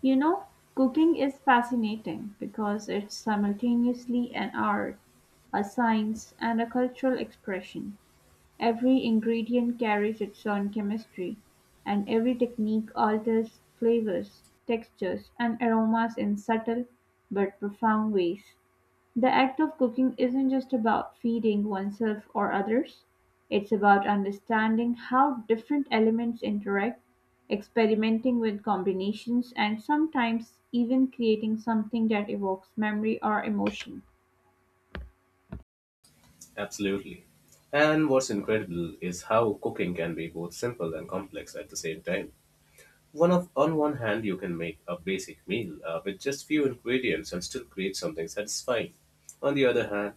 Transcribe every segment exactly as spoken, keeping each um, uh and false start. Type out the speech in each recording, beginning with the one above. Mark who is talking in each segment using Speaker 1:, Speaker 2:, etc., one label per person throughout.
Speaker 1: You know, cooking is fascinating because it's simultaneously an art, a science, and a cultural expression. Every ingredient carries its own chemistry, and every technique alters flavors, textures, and aromas in subtle but profound ways. The act of cooking isn't just about feeding oneself or others, it's about understanding how different elements interact, experimenting with combinations, and sometimes even creating something that evokes memory or emotion.
Speaker 2: Absolutely. And what's incredible is how cooking can be both simple and complex at the same time. One of, on one hand, you can make a basic meal uh, with just few ingredients and still create something satisfying. On the other hand,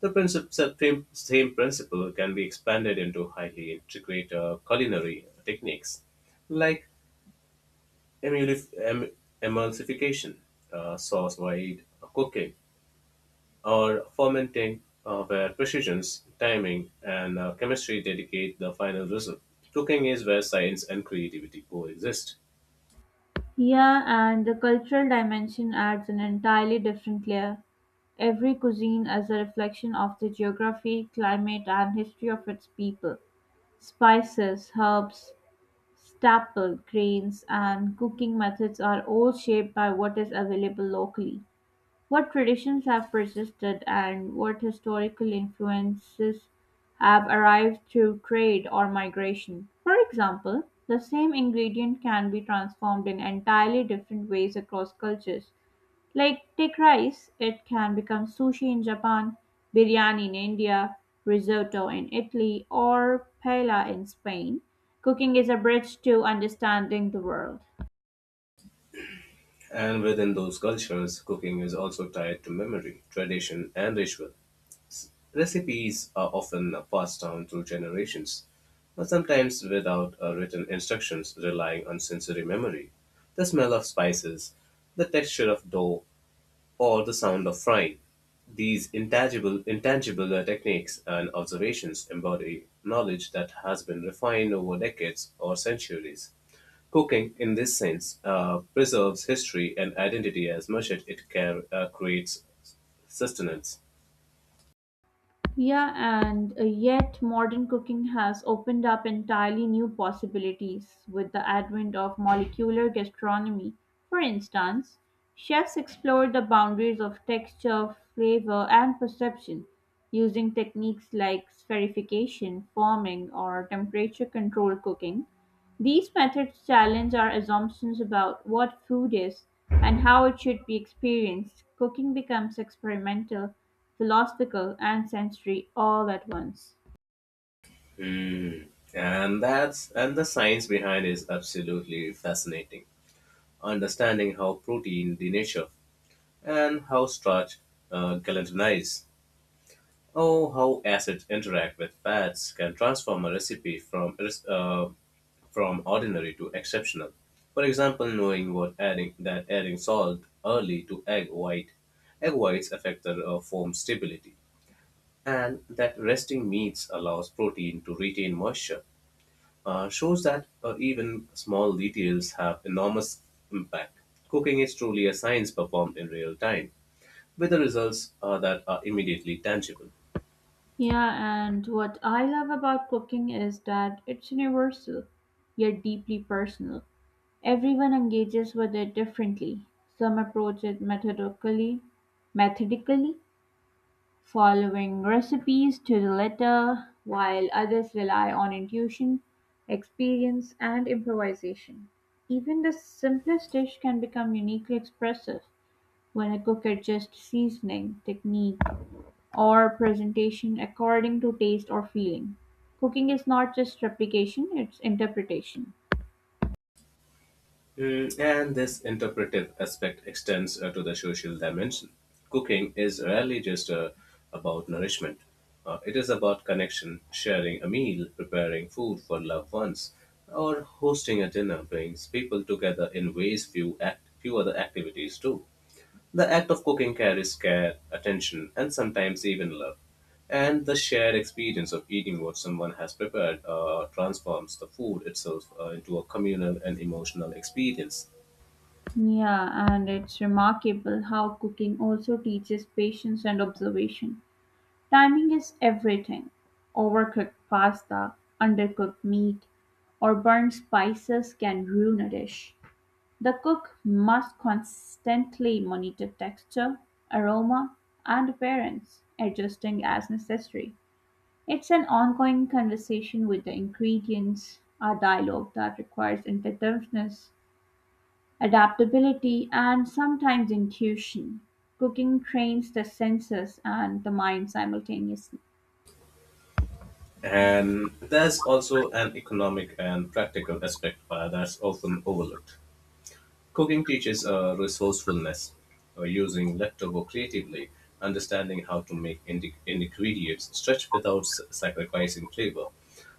Speaker 2: the princip- same, same principle can be expanded into highly intricate uh, culinary techniques like emulif- em- emulsification, uh, sauce wide cooking, or fermenting, uh, where precision, timing, and uh, chemistry dedicate the final result. Cooking is where science and creativity coexist.
Speaker 1: Yeah, and the cultural dimension adds an entirely different layer. Every cuisine is a reflection of the geography, climate, and history of its people. Spices, herbs, staple, grains, and cooking methods are all shaped by what is available locally. What traditions have persisted and what historical influences have arrived through trade or migration? For example, the same ingredient can be transformed in entirely different ways across cultures. Like take rice, it can become sushi in Japan, biryani in India, risotto in Italy, or paella in Spain. Cooking is a bridge to understanding the world.
Speaker 2: And within those cultures, cooking is also tied to memory, tradition, and ritual. Recipes are often passed down through generations, but sometimes without uh, written instructions, relying on sensory memory. The smell of spices, the texture of dough, or the sound of frying. These intangible, intangible uh, techniques and observations embody knowledge that has been refined over decades or centuries. Cooking, in this sense, uh, preserves history and identity as much as it can, uh, creates sustenance.
Speaker 1: Yeah, and uh, yet modern cooking has opened up entirely new possibilities with the advent of molecular gastronomy. For instance, chefs explored the boundaries of texture, flavor, and perception using techniques like spherification, forming, or temperature control cooking these methods challenge our assumptions about what food is and how it should be experienced. Cooking becomes experimental, philosophical, and sensory all at once.
Speaker 2: Hmm. And that's and the science behind is absolutely fascinating. Understanding how protein denature and how starch uh, galvanize Oh, how acids interact with fats can transform a recipe from res- uh, from ordinary to exceptional. For example, knowing what adding that adding salt early to egg white, egg whites affect the uh, foam stability, and that resting meats allows protein to retain moisture. Uh, shows that uh, even small details have enormous impact. Cooking is truly a science performed in real time, with the results uh, that are immediately tangible.
Speaker 1: Yeah, and what I love about cooking is that it's universal, yet deeply personal. Everyone engages with it differently. Some approach it methodically, methodically, following recipes to the letter, while others rely on intuition, experience, and improvisation. Even the simplest dish can become uniquely expressive when a cook adjusts seasoning, technique, or presentation according to taste or feeling. Cooking is not just replication, it's interpretation.
Speaker 2: Mm, and this interpretive aspect extends uh, to the social dimension. Cooking is rarely just uh, about nourishment. Uh, it is about connection, sharing a meal, preparing food for loved ones, or hosting a dinner brings people together in ways few, act- few other activities do. The act of cooking carries care, attention, and sometimes even love. And the shared experience of eating what someone has prepared uh, transforms the food itself uh, into a communal and emotional experience.
Speaker 1: Yeah, and it's remarkable how cooking also teaches patience and observation. Timing is everything: overcooked pasta, undercooked meat, or burnt spices can ruin a dish. The cook must constantly monitor texture, aroma, and appearance, adjusting as necessary. It's an ongoing conversation with the ingredients, a dialogue that requires inventiveness, adaptability, and sometimes intuition. Cooking trains the senses and the mind simultaneously.
Speaker 2: And there's also an economic and practical aspect uh, that's often overlooked. Cooking teaches uh, resourcefulness, uh, using leftover creatively, understanding how to make indi- ingredients stretch without s- sacrificing flavor,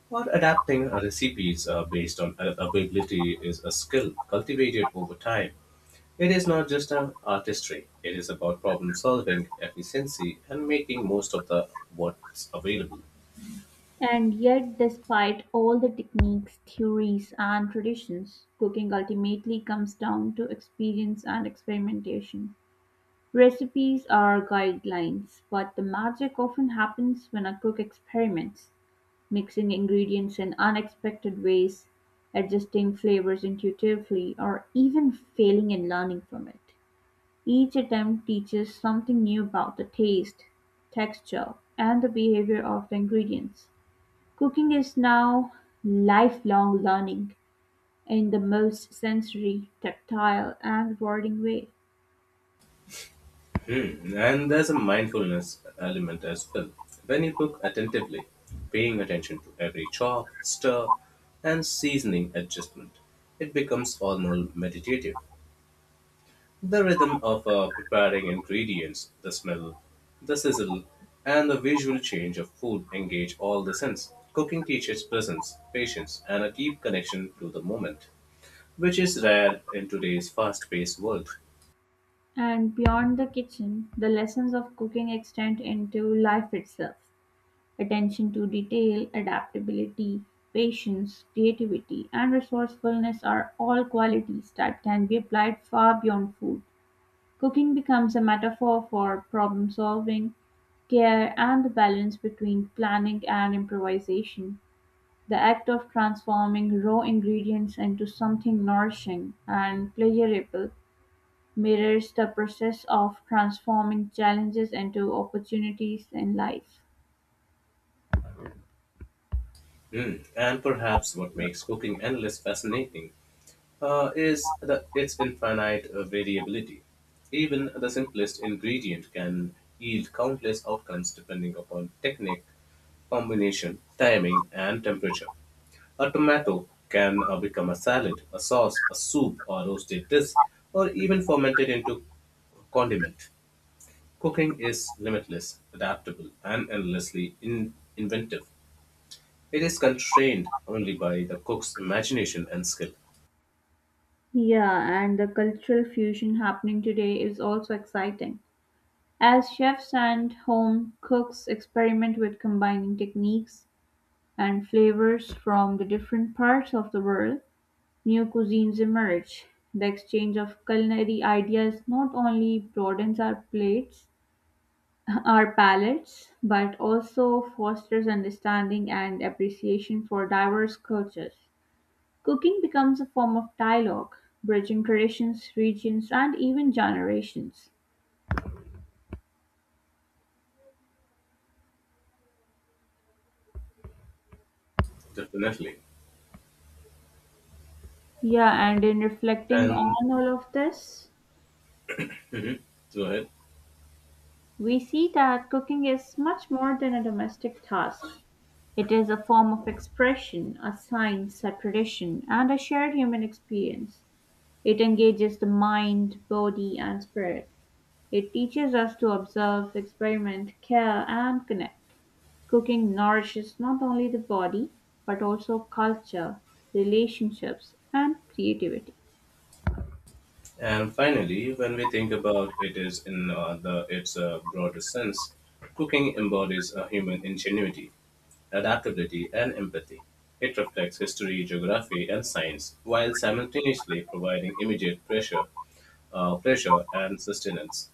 Speaker 2: or adapting uh, recipes uh, based on a- availability is a skill cultivated over time. It is not just an artistry; it is about problem solving, efficiency, and making most of the what's available.
Speaker 1: And yet, despite all the techniques, theories, and traditions, cooking ultimately comes down to experience and experimentation. Recipes are guidelines, but the magic often happens when a cook experiments, mixing ingredients in unexpected ways, adjusting flavors intuitively, or even failing and learning from it. Each attempt teaches something new about the taste, texture, and the behavior of the ingredients. Cooking is now lifelong learning in the most sensory, tactile, and rewarding way.
Speaker 2: Mm, and there's a mindfulness element as well. When you cook attentively, paying attention to every chop, stir, and seasoning adjustment, it becomes almost meditative. The rhythm of uh, preparing ingredients, the smell, the sizzle, and the visual change of food engage all the sense. Cooking teaches presence, patience, and a deep connection to the moment, which is rare in today's fast paced world.
Speaker 1: And beyond the kitchen, the lessons of cooking extend into life itself. Attention to detail, adaptability, patience, creativity, and resourcefulness are all qualities that can be applied far beyond food. Cooking becomes a metaphor for problem solving, care, and the balance between planning and improvisation. The act of transforming raw ingredients into something nourishing and pleasurable mirrors the process of transforming challenges into opportunities in life.
Speaker 2: Mm, And perhaps what makes cooking endless fascinating uh, is the, its infinite uh, variability. Even the simplest ingredient can yield countless outcomes depending upon technique, combination, timing, and temperature. A tomato can uh, become a salad, a sauce, a soup, or roasted dish, or even fermented into condiment. Cooking is limitless, adaptable, and endlessly in- inventive. It is constrained only by the cook's imagination and skill,
Speaker 1: Yeah, and the cultural fusion happening today is also exciting. As chefs and home cooks experiment with combining techniques and flavors from the different parts of the world, new cuisines emerge. The exchange of culinary ideas not only broadens our plates our palates, but also fosters understanding and appreciation for diverse cultures. Cooking becomes a form of dialogue, bridging traditions, regions, and even generations.
Speaker 2: definitely.
Speaker 1: Yeah, and in reflecting on
Speaker 2: And
Speaker 1: all of this,
Speaker 2: Go ahead.
Speaker 1: we see that cooking is much more than a domestic task. It is a form of expression, a science, a tradition, and a shared human experience. It engages the mind, body, and spirit. It teaches us to observe, experiment, care, and connect. Cooking nourishes not only the body, but also culture, relationships, and creativity.
Speaker 2: And finally, when we think about it is in uh, the its uh, broader sense, cooking embodies a human ingenuity, adaptability, and empathy. It reflects history, geography, and science, while simultaneously providing immediate pressure, uh, pleasure, and sustenance.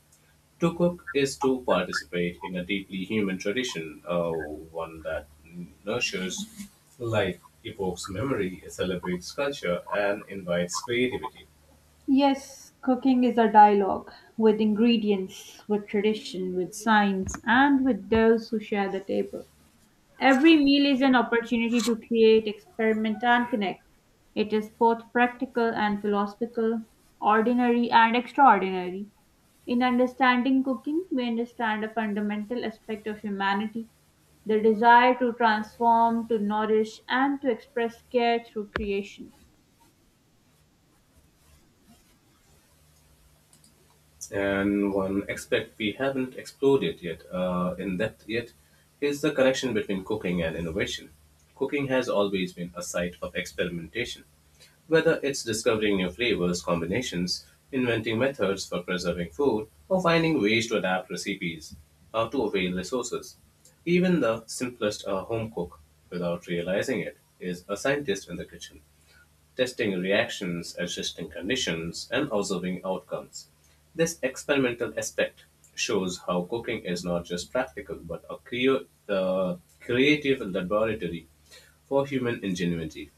Speaker 2: To cook is to participate in a deeply human tradition, uh, one that nurtures life, evokes memory, celebrates culture, and invites creativity.
Speaker 1: Yes, cooking is a dialogue with ingredients, with tradition, with science, and with those who share the table. Every meal is an opportunity to create, experiment, and connect. It is both practical and philosophical, ordinary and extraordinary. In understanding cooking, we understand a fundamental aspect of humanity, the desire to transform, to nourish, and to express care through creation.
Speaker 2: And one aspect we haven't explored it yet uh, in depth yet is the connection between cooking and innovation. Cooking has always been a site of experimentation, whether it's discovering new flavors, combinations, inventing methods for preserving food, or finding ways to adapt recipes uh, to avail resources. Even the simplest uh, home cook, without realizing it, is a scientist in the kitchen testing reactions, adjusting conditions, and observing outcomes. This experimental aspect shows how cooking is not just practical but a cre- uh, creative laboratory for human ingenuity.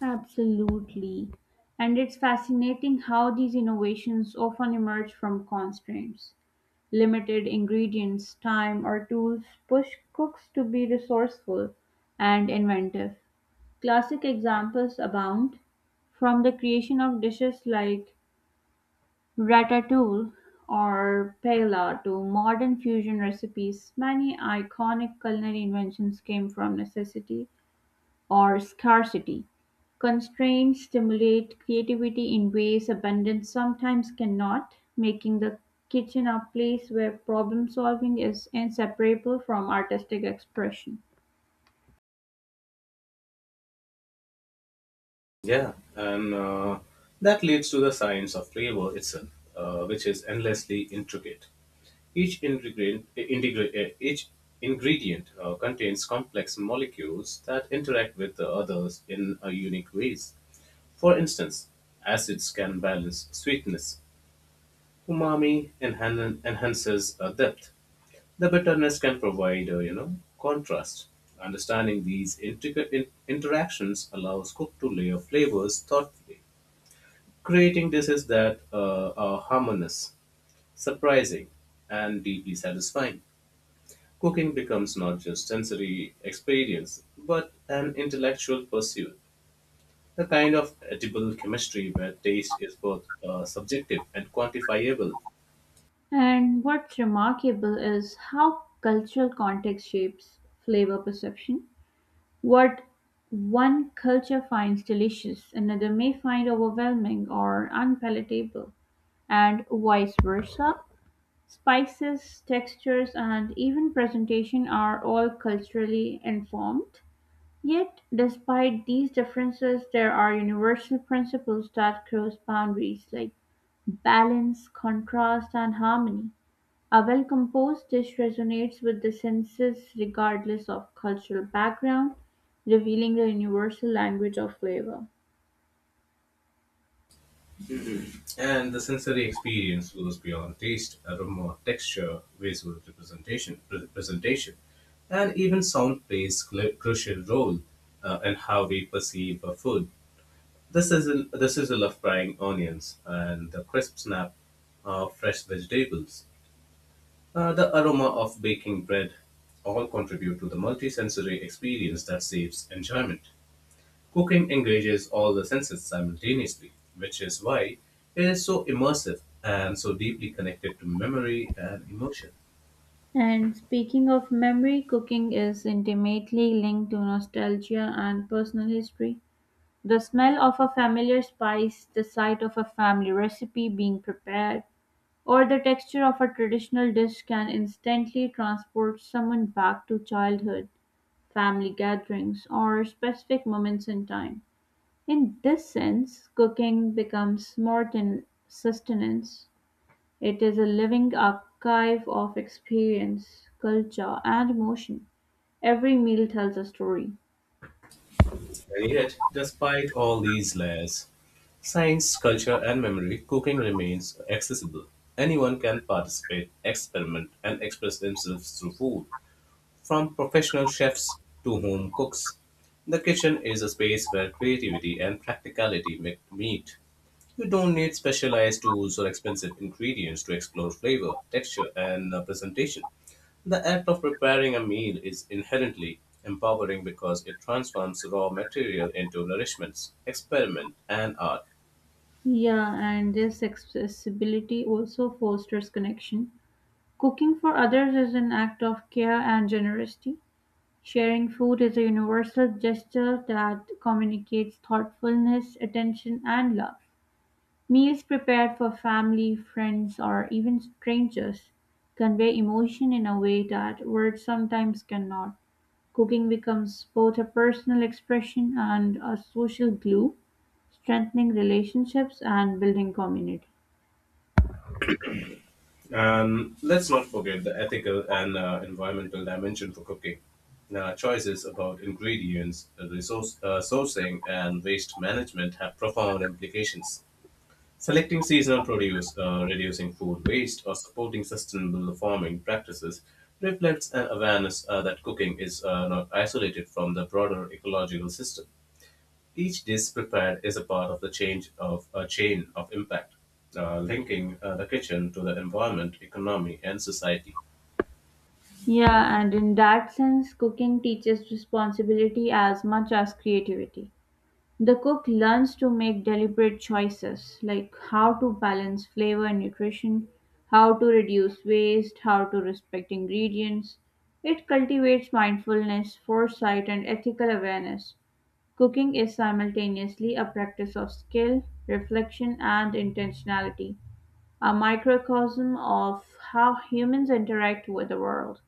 Speaker 1: Absolutely. And it's fascinating how these innovations often emerge from constraints. Limited ingredients, time, or tools push cooks to be resourceful and inventive. Classic examples abound, from the creation of dishes like Ratatouille or paella to modern fusion recipes, many iconic culinary inventions came from necessity or scarcity. Constraints stimulate creativity in ways abundance sometimes cannot, making the kitchen a place where problem solving is inseparable from artistic expression.
Speaker 2: Yeah, and uh, that leads to the science of flavor itself, uh, which is endlessly intricate. Each ingredient, integra- uh, each ingredient uh, contains complex molecules that interact with the others in uh, unique ways. For instance, acids can balance sweetness, umami enhan- enhances uh, depth, the bitterness can provide, uh, you know, contrast. Understanding these intricate in- interactions allows cook to layer flavors thoughtfully, creating dishes that uh, are harmonious, surprising, and deeply satisfying. Cooking becomes not just sensory experience, but an intellectual pursuit, a kind of edible chemistry where taste is both uh, subjective and quantifiable.
Speaker 1: And what's remarkable is how cultural context shapes flavor perception. What one culture finds delicious, another may find overwhelming or unpalatable, and vice versa. Spices, textures, and even presentation are all culturally informed. Yet, despite these differences, there are universal principles that cross boundaries like balance, contrast, and harmony. A well-composed dish resonates with the senses regardless of cultural background, revealing the universal language of flavor.
Speaker 2: And the sensory experience goes beyond taste, aroma, texture, visual representation, presentation, and even sound plays cl- crucial role uh, in how we perceive a food. The sizzle, the sizzle of frying onions and the crisp snap of fresh vegetables, uh, the aroma of baking bread, all contribute to the multisensory experience that saves enjoyment. Cooking engages all the senses simultaneously, which is why it is so immersive and so deeply connected to memory and emotion.
Speaker 1: And speaking of memory, cooking is intimately linked to nostalgia and personal history. The smell of a familiar spice, the sight of a family recipe being prepared, or the texture of a traditional dish can instantly transport someone back to childhood, family gatherings, or specific moments in time. In this sense, cooking becomes more than sustenance; it is a living archive of experience, culture, and emotion. Every meal tells a story.
Speaker 2: And yet, despite all these layers, science, culture, and memory, cooking remains accessible. Anyone can participate, experiment, and express themselves through food, from professional chefs to home cooks. The kitchen is a space where creativity and practicality met- meet. You don't need specialized tools or expensive ingredients to explore flavor, texture, and uh, presentation. The act of preparing a meal is inherently empowering because it transforms raw material into nourishments, experiment, and art.
Speaker 1: Yeah, and this accessibility also fosters connection. Cooking for others is an act of care and generosity. Sharing food is a universal gesture that communicates thoughtfulness, attention, and love. Meals prepared for family, friends, or even strangers convey emotion in a way that words sometimes cannot. Cooking becomes both a personal expression and a social glue, strengthening relationships and building community.
Speaker 2: And let's not forget the ethical and uh, environmental dimension for cooking. Now, choices about ingredients, resource, uh, sourcing, and waste management have profound implications. Selecting seasonal produce, uh, reducing food waste, or supporting sustainable farming practices reflects an awareness uh, that cooking is uh, not isolated from the broader ecological system. Each dish prepared is a part of the change of a chain of impact, uh, linking uh, the kitchen to the environment, economy, and society.
Speaker 1: Yeah, and in that sense, cooking teaches responsibility as much as creativity. The cook learns to make deliberate choices like how to balance flavor and nutrition, how to reduce waste, how to respect ingredients. It cultivates mindfulness, foresight, and ethical awareness. Cooking is simultaneously a practice of skill, reflection, and intentionality, a microcosm of how humans interact with the world.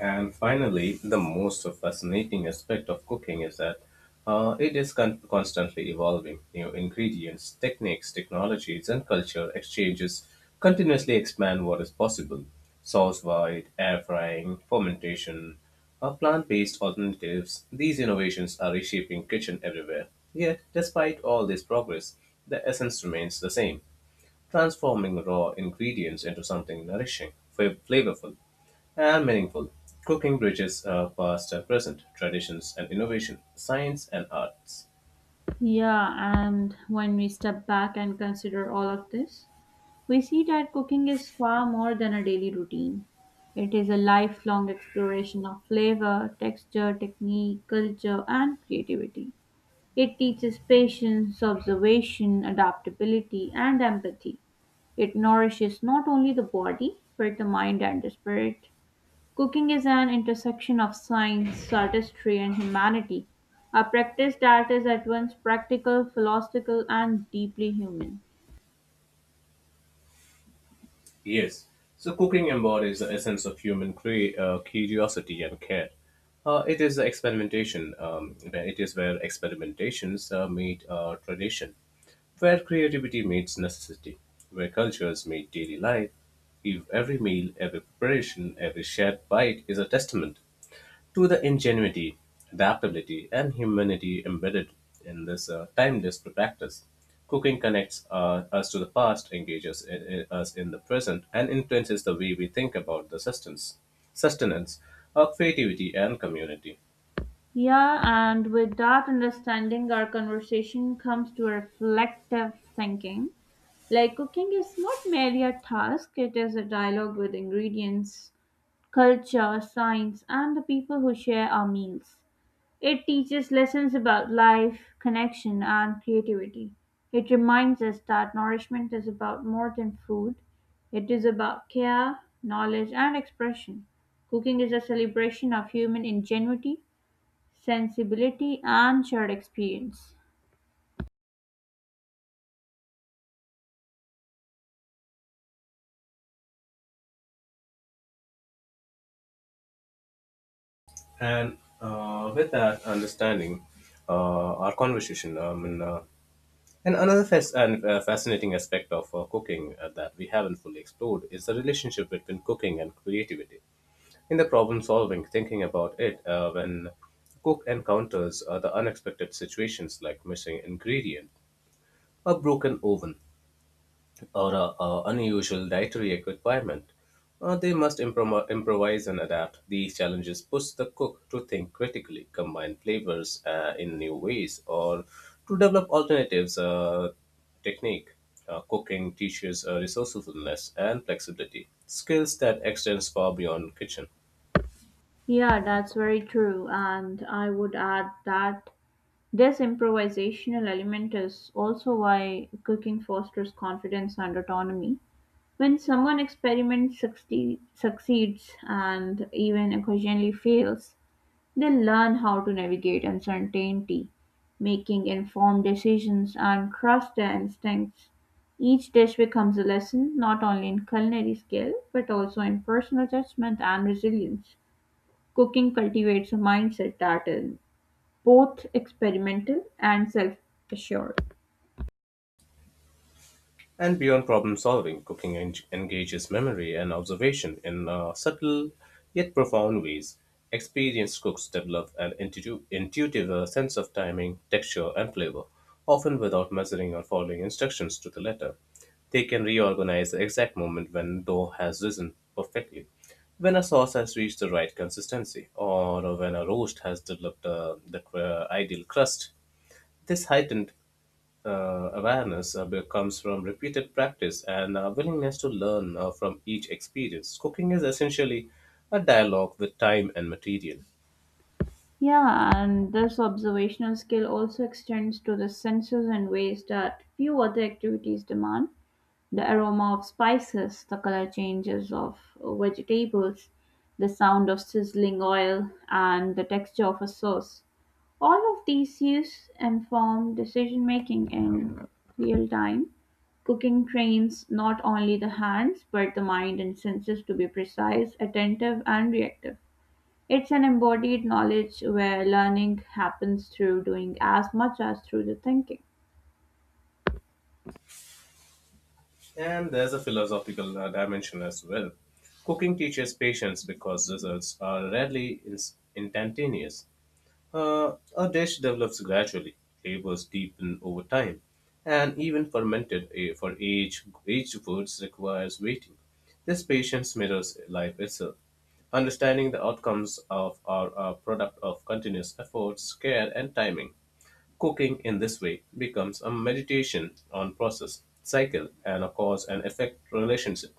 Speaker 2: And finally, the most fascinating aspect of cooking is that uh, it is con- constantly evolving. New ingredients, techniques, technologies, and culture exchanges continuously expand what is possible. Sauce wide, air frying, fermentation, uh, plant based alternatives, these innovations are reshaping kitchen everywhere. Yet, despite all this progress, the essence remains the same transforming raw ingredients into something nourishing, fa- flavorful, and meaningful. Cooking bridges uh, past, uh, present, traditions and innovation, science and arts.
Speaker 1: Yeah, and when we step back and consider all of this, we see that cooking is far more than a daily routine. It is a lifelong exploration of flavor, texture, technique, culture, and creativity. It teaches patience, observation, adaptability, and empathy. It nourishes not only the body, but the mind and the spirit. Cooking is an intersection of science, artistry, and humanity, a practice that is at once practical, philosophical, and deeply human.
Speaker 2: Yes, so cooking embodies the essence of human cre- uh, curiosity and care. Uh, it is the experimentation, um, where it is where experimentations uh, meet uh, tradition, where creativity meets necessity, where cultures meet daily life. If every meal, every preparation, every shared bite is a testament to the ingenuity, adaptability, and humanity embedded in this uh, timeless practice. Cooking connects uh, us to the past, engages i- i- us in the present, and influences the way we think about the sustenance, sustenance of creativity and community.
Speaker 1: Yeah, and with that understanding, our conversation comes to reflective thinking. Like, cooking is not merely a task, it is a dialogue with ingredients, culture, science, and the people who share our meals. It teaches lessons about life, connection, and creativity. It reminds us that nourishment is about more than food, it is about care, knowledge, and expression. Cooking is a celebration of human ingenuity, sensibility and shared experience.
Speaker 2: And uh, with that understanding, uh, our conversation, um, and, uh, and another fas- and, uh, fascinating aspect of uh, cooking uh, that we haven't fully explored is the relationship between cooking and creativity. In the problem-solving, thinking about it uh, when cook encounters uh, the unexpected situations like missing ingredient, a broken oven, or a, a unusual dietary requirement, uh, they must improm- improvise and adapt. These challenges push the cook to think critically, combine flavors uh, in new ways, or to develop alternatives uh, technique. Uh, cooking teaches uh, resourcefulness and flexibility, skills that extends far beyond kitchen.
Speaker 1: Yeah, that's very true. And I would add that this improvisational element is also why cooking fosters confidence and autonomy. When someone experiments, succeed, succeeds, and even occasionally fails, they learn how to navigate uncertainty, making informed decisions, and trust their instincts. Each dish becomes a lesson not only in culinary skill but also in personal judgment and resilience. Cooking cultivates a mindset that is both experimental and self assured.
Speaker 2: And beyond problem solving, cooking en- engages memory and observation in uh, subtle yet profound ways. Experienced cooks develop an intu- intuitive uh, sense of timing, texture, and flavor, often without measuring or following instructions to the letter. They can reorganize the exact moment when dough has risen perfectly, when a sauce has reached the right consistency, or when a roast has developed uh, the cr- ideal crust. This heightened uh, awareness uh, be- comes from repeated practice and uh, willingness to learn uh, from each experience. Cooking is essentially a dialogue with time and material.
Speaker 1: Yeah, and this observational skill also extends to the senses in ways that few other activities demand. The aroma of spices, the color changes of vegetables, the sound of sizzling oil, and the texture of a sauce. All of these use inform decision making in real time. Cooking trains not only the hands but the mind and senses to be precise, attentive, and reactive. It's an embodied knowledge where learning happens through doing as much as through the thinking.
Speaker 2: And there's a philosophical uh, dimension as well. Cooking teaches patience because results are rarely ins- instantaneous. Uh, a dish develops gradually, flavors deepen over time, and even fermented eh, for age, aged foods requires waiting. This patience mirrors life itself. Understanding the outcomes of our, our product of continuous efforts, care, and timing. Cooking in this way becomes a meditation on process, cycle, and a cause and effect relationship.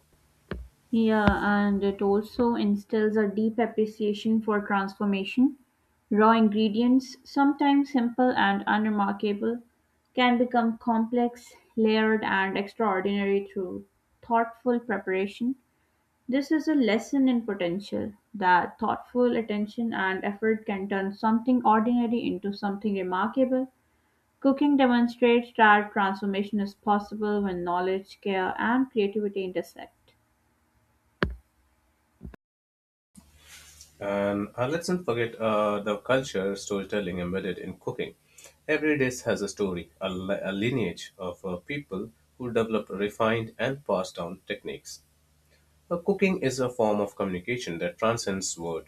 Speaker 1: Yeah, and it also instills a deep appreciation for transformation. Raw ingredients, sometimes simple and unremarkable, can become complex, layered, and extraordinary through thoughtful preparation. This is a lesson in potential that thoughtful attention and effort can turn something ordinary into something remarkable. Cooking demonstrates that transformation is possible when knowledge, care, and creativity intersect.
Speaker 2: And uh, let's not forget uh, the culture storytelling embedded in cooking. Every dish has a story, a, li- a lineage of uh, people who developed refined and passed down techniques. Uh, cooking is a form of communication that transcends word,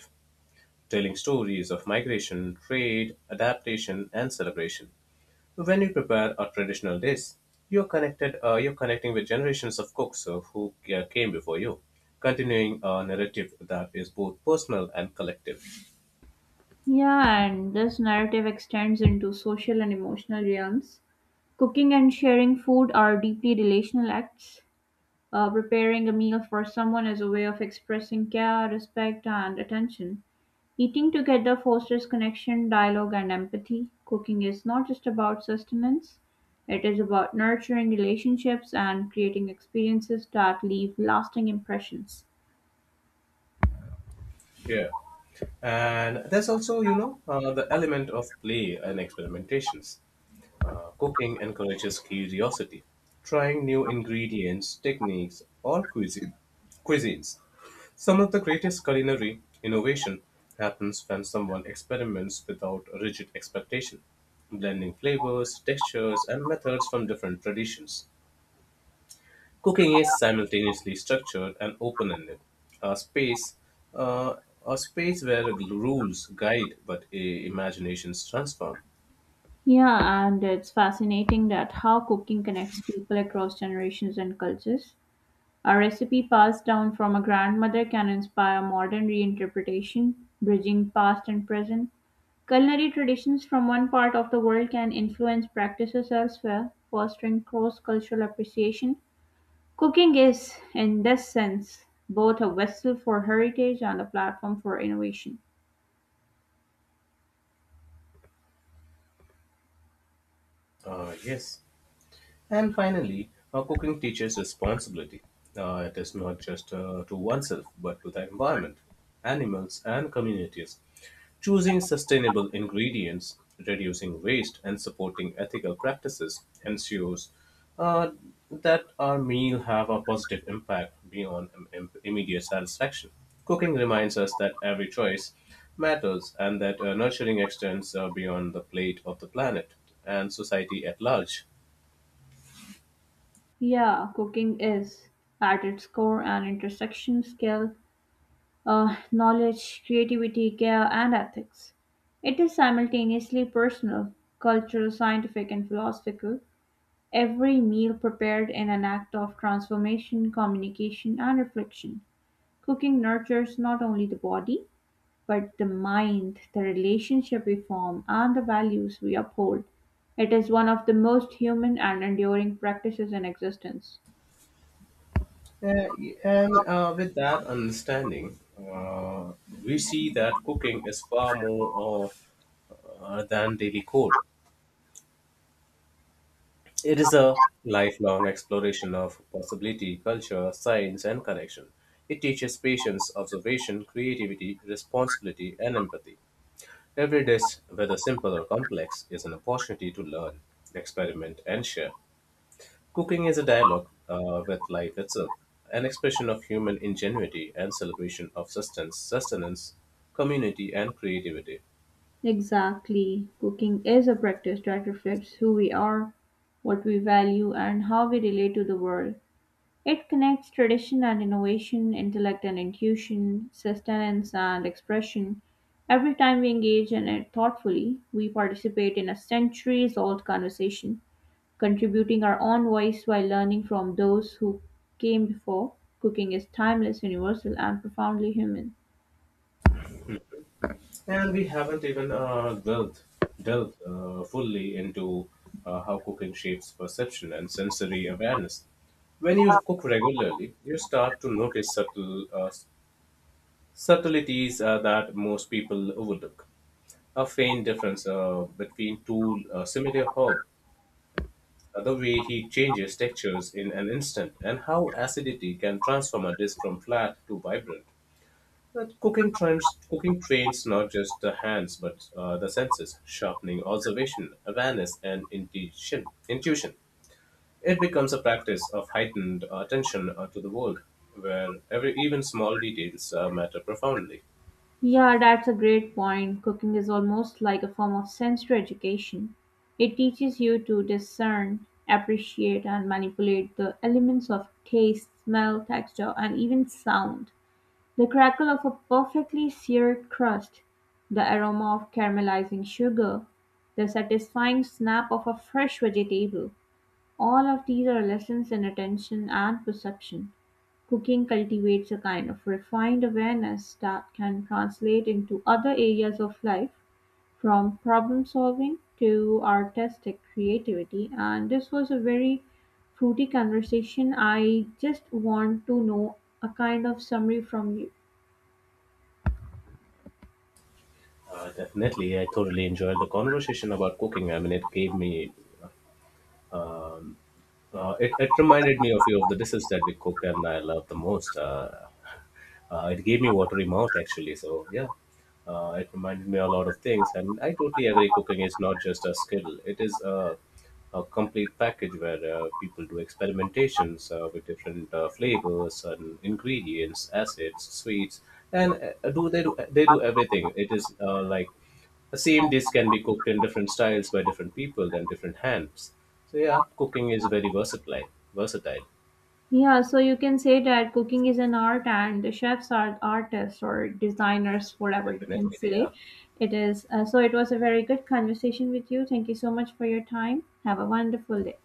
Speaker 2: telling stories of migration, trade, adaptation, and celebration. When you prepare a traditional dish, you're connected. Uh, you're connecting with generations of cooks uh, who uh, came before you, continuing a narrative that is both personal and collective.
Speaker 1: Yeah, and this narrative extends into social and emotional realms. Cooking and sharing food are deeply relational acts. Uh, preparing a meal for someone is a way of expressing care, respect, and attention. Eating together fosters connection, dialogue, and empathy. Cooking is not just about sustenance, it is about nurturing relationships and creating experiences that leave lasting impressions.
Speaker 2: Yeah. And there's also, you know, uh, the element of play and experimentations. Uh, cooking encourages curiosity, trying new ingredients, techniques, or cuisine, cuisines. Some of the greatest culinary innovation happens when someone experiments without rigid expectation, blending flavors, textures, and methods from different traditions. Cooking is simultaneously structured and open-ended, a space, uh, a space where rules guide but i- imaginations transform.
Speaker 1: Yeah, and it's fascinating that how cooking connects people across generations and cultures. A recipe passed down from a grandmother can inspire modern reinterpretation, bridging past and present. Culinary traditions from one part of the world can influence practices elsewhere, fostering cross cultural appreciation. Cooking is, in this sense, both a vessel for heritage and a platform for innovation.
Speaker 2: Uh, yes. And finally, uh, cooking teaches responsibility. Uh, it is not just uh, to oneself, but to the environment, animals, and communities. Choosing sustainable ingredients, reducing waste, and supporting ethical practices ensures uh, that our meal have a positive impact beyond im- im- immediate satisfaction. Cooking reminds us that every choice matters and that uh, nurturing extends uh, beyond the plate of the planet and society at large.
Speaker 1: Yeah, cooking is at its core an intersection skill, uh, knowledge, creativity, care, and ethics. It is simultaneously personal, cultural, scientific, and philosophical. Every meal prepared in an act of transformation, communication, and reflection. Cooking nurtures not only the body, but the mind, the relationship we form, and the values we uphold. It is one of the most human and enduring practices in existence.
Speaker 2: Yeah, and uh, with that understanding, uh, we see that cooking is far more uh, uh, than daily core. It is a lifelong exploration of possibility, culture, science, and connection. It teaches patience, observation, creativity, responsibility, and empathy. Every dish, whether simple or complex, is an opportunity to learn, experiment, and share. Cooking is a dialogue uh, with life itself, an expression of human ingenuity and celebration of sustenance, sustenance community, and creativity.
Speaker 1: Exactly. Cooking is a practice that reflects who we are, what we value, and how we relate to the world. It connects tradition and innovation, intellect and intuition, sustenance and expression. Every time we engage in it thoughtfully, we participate in a centuries old conversation, contributing our own voice while learning from those who came before. Cooking is timeless, universal, and profoundly human.
Speaker 2: And we haven't even uh, delved, delved uh, fully into uh, how cooking shapes perception and sensory awareness. When you cook regularly, you start to notice subtle uh, subtleties uh, that most people overlook. A faint difference uh, between two uh, similar herb. The way he changes textures in an instant and how acidity can transform a dish from flat to vibrant. But cooking trends, cooking trains not just the hands but uh, the senses, sharpening observation, awareness, and intuition. Intuition. It becomes a practice of heightened attention uh, to the world, where every even small details uh, matter profoundly.
Speaker 1: Yeah, that's a great point. Cooking is almost like a form of sensory education. It teaches you to discern, appreciate, and manipulate the elements of taste, smell, texture, and even sound. The crackle of a perfectly seared crust, the aroma of caramelizing sugar, the satisfying snap of a fresh vegetable. All of these are lessons in attention and perception. Cooking cultivates a kind of refined awareness that can translate into other areas of life, from problem solving to artistic creativity. And this was a very fruity conversation. I just want to know a kind of summary from you.
Speaker 2: Uh, definitely, I thoroughly enjoyed the conversation about cooking. I mean, it gave me Uh, it, it reminded me of few of the dishes that we cook and I love the most. Uh, uh, it gave me watery mouth actually. So yeah, uh, it reminded me a lot of things, and I totally agree. Cooking is not just a skill; it is a, a complete package where uh, people do experimentations uh, with different uh, flavors and ingredients, acids, sweets, and uh, do they do they do everything. It is uh, like the same dish can be cooked in different styles by different people and different hands. So yeah, cooking is very versatile. Versatile,
Speaker 1: Yeah, so you can say that cooking is an art and the chefs are artists or designers, whatever you can
Speaker 2: definitely.
Speaker 1: say.
Speaker 2: Yeah.
Speaker 1: It is. Uh, so it was a very good conversation with you. Thank you so much for your time. Have a wonderful day.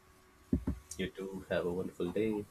Speaker 2: You too. Have a wonderful day.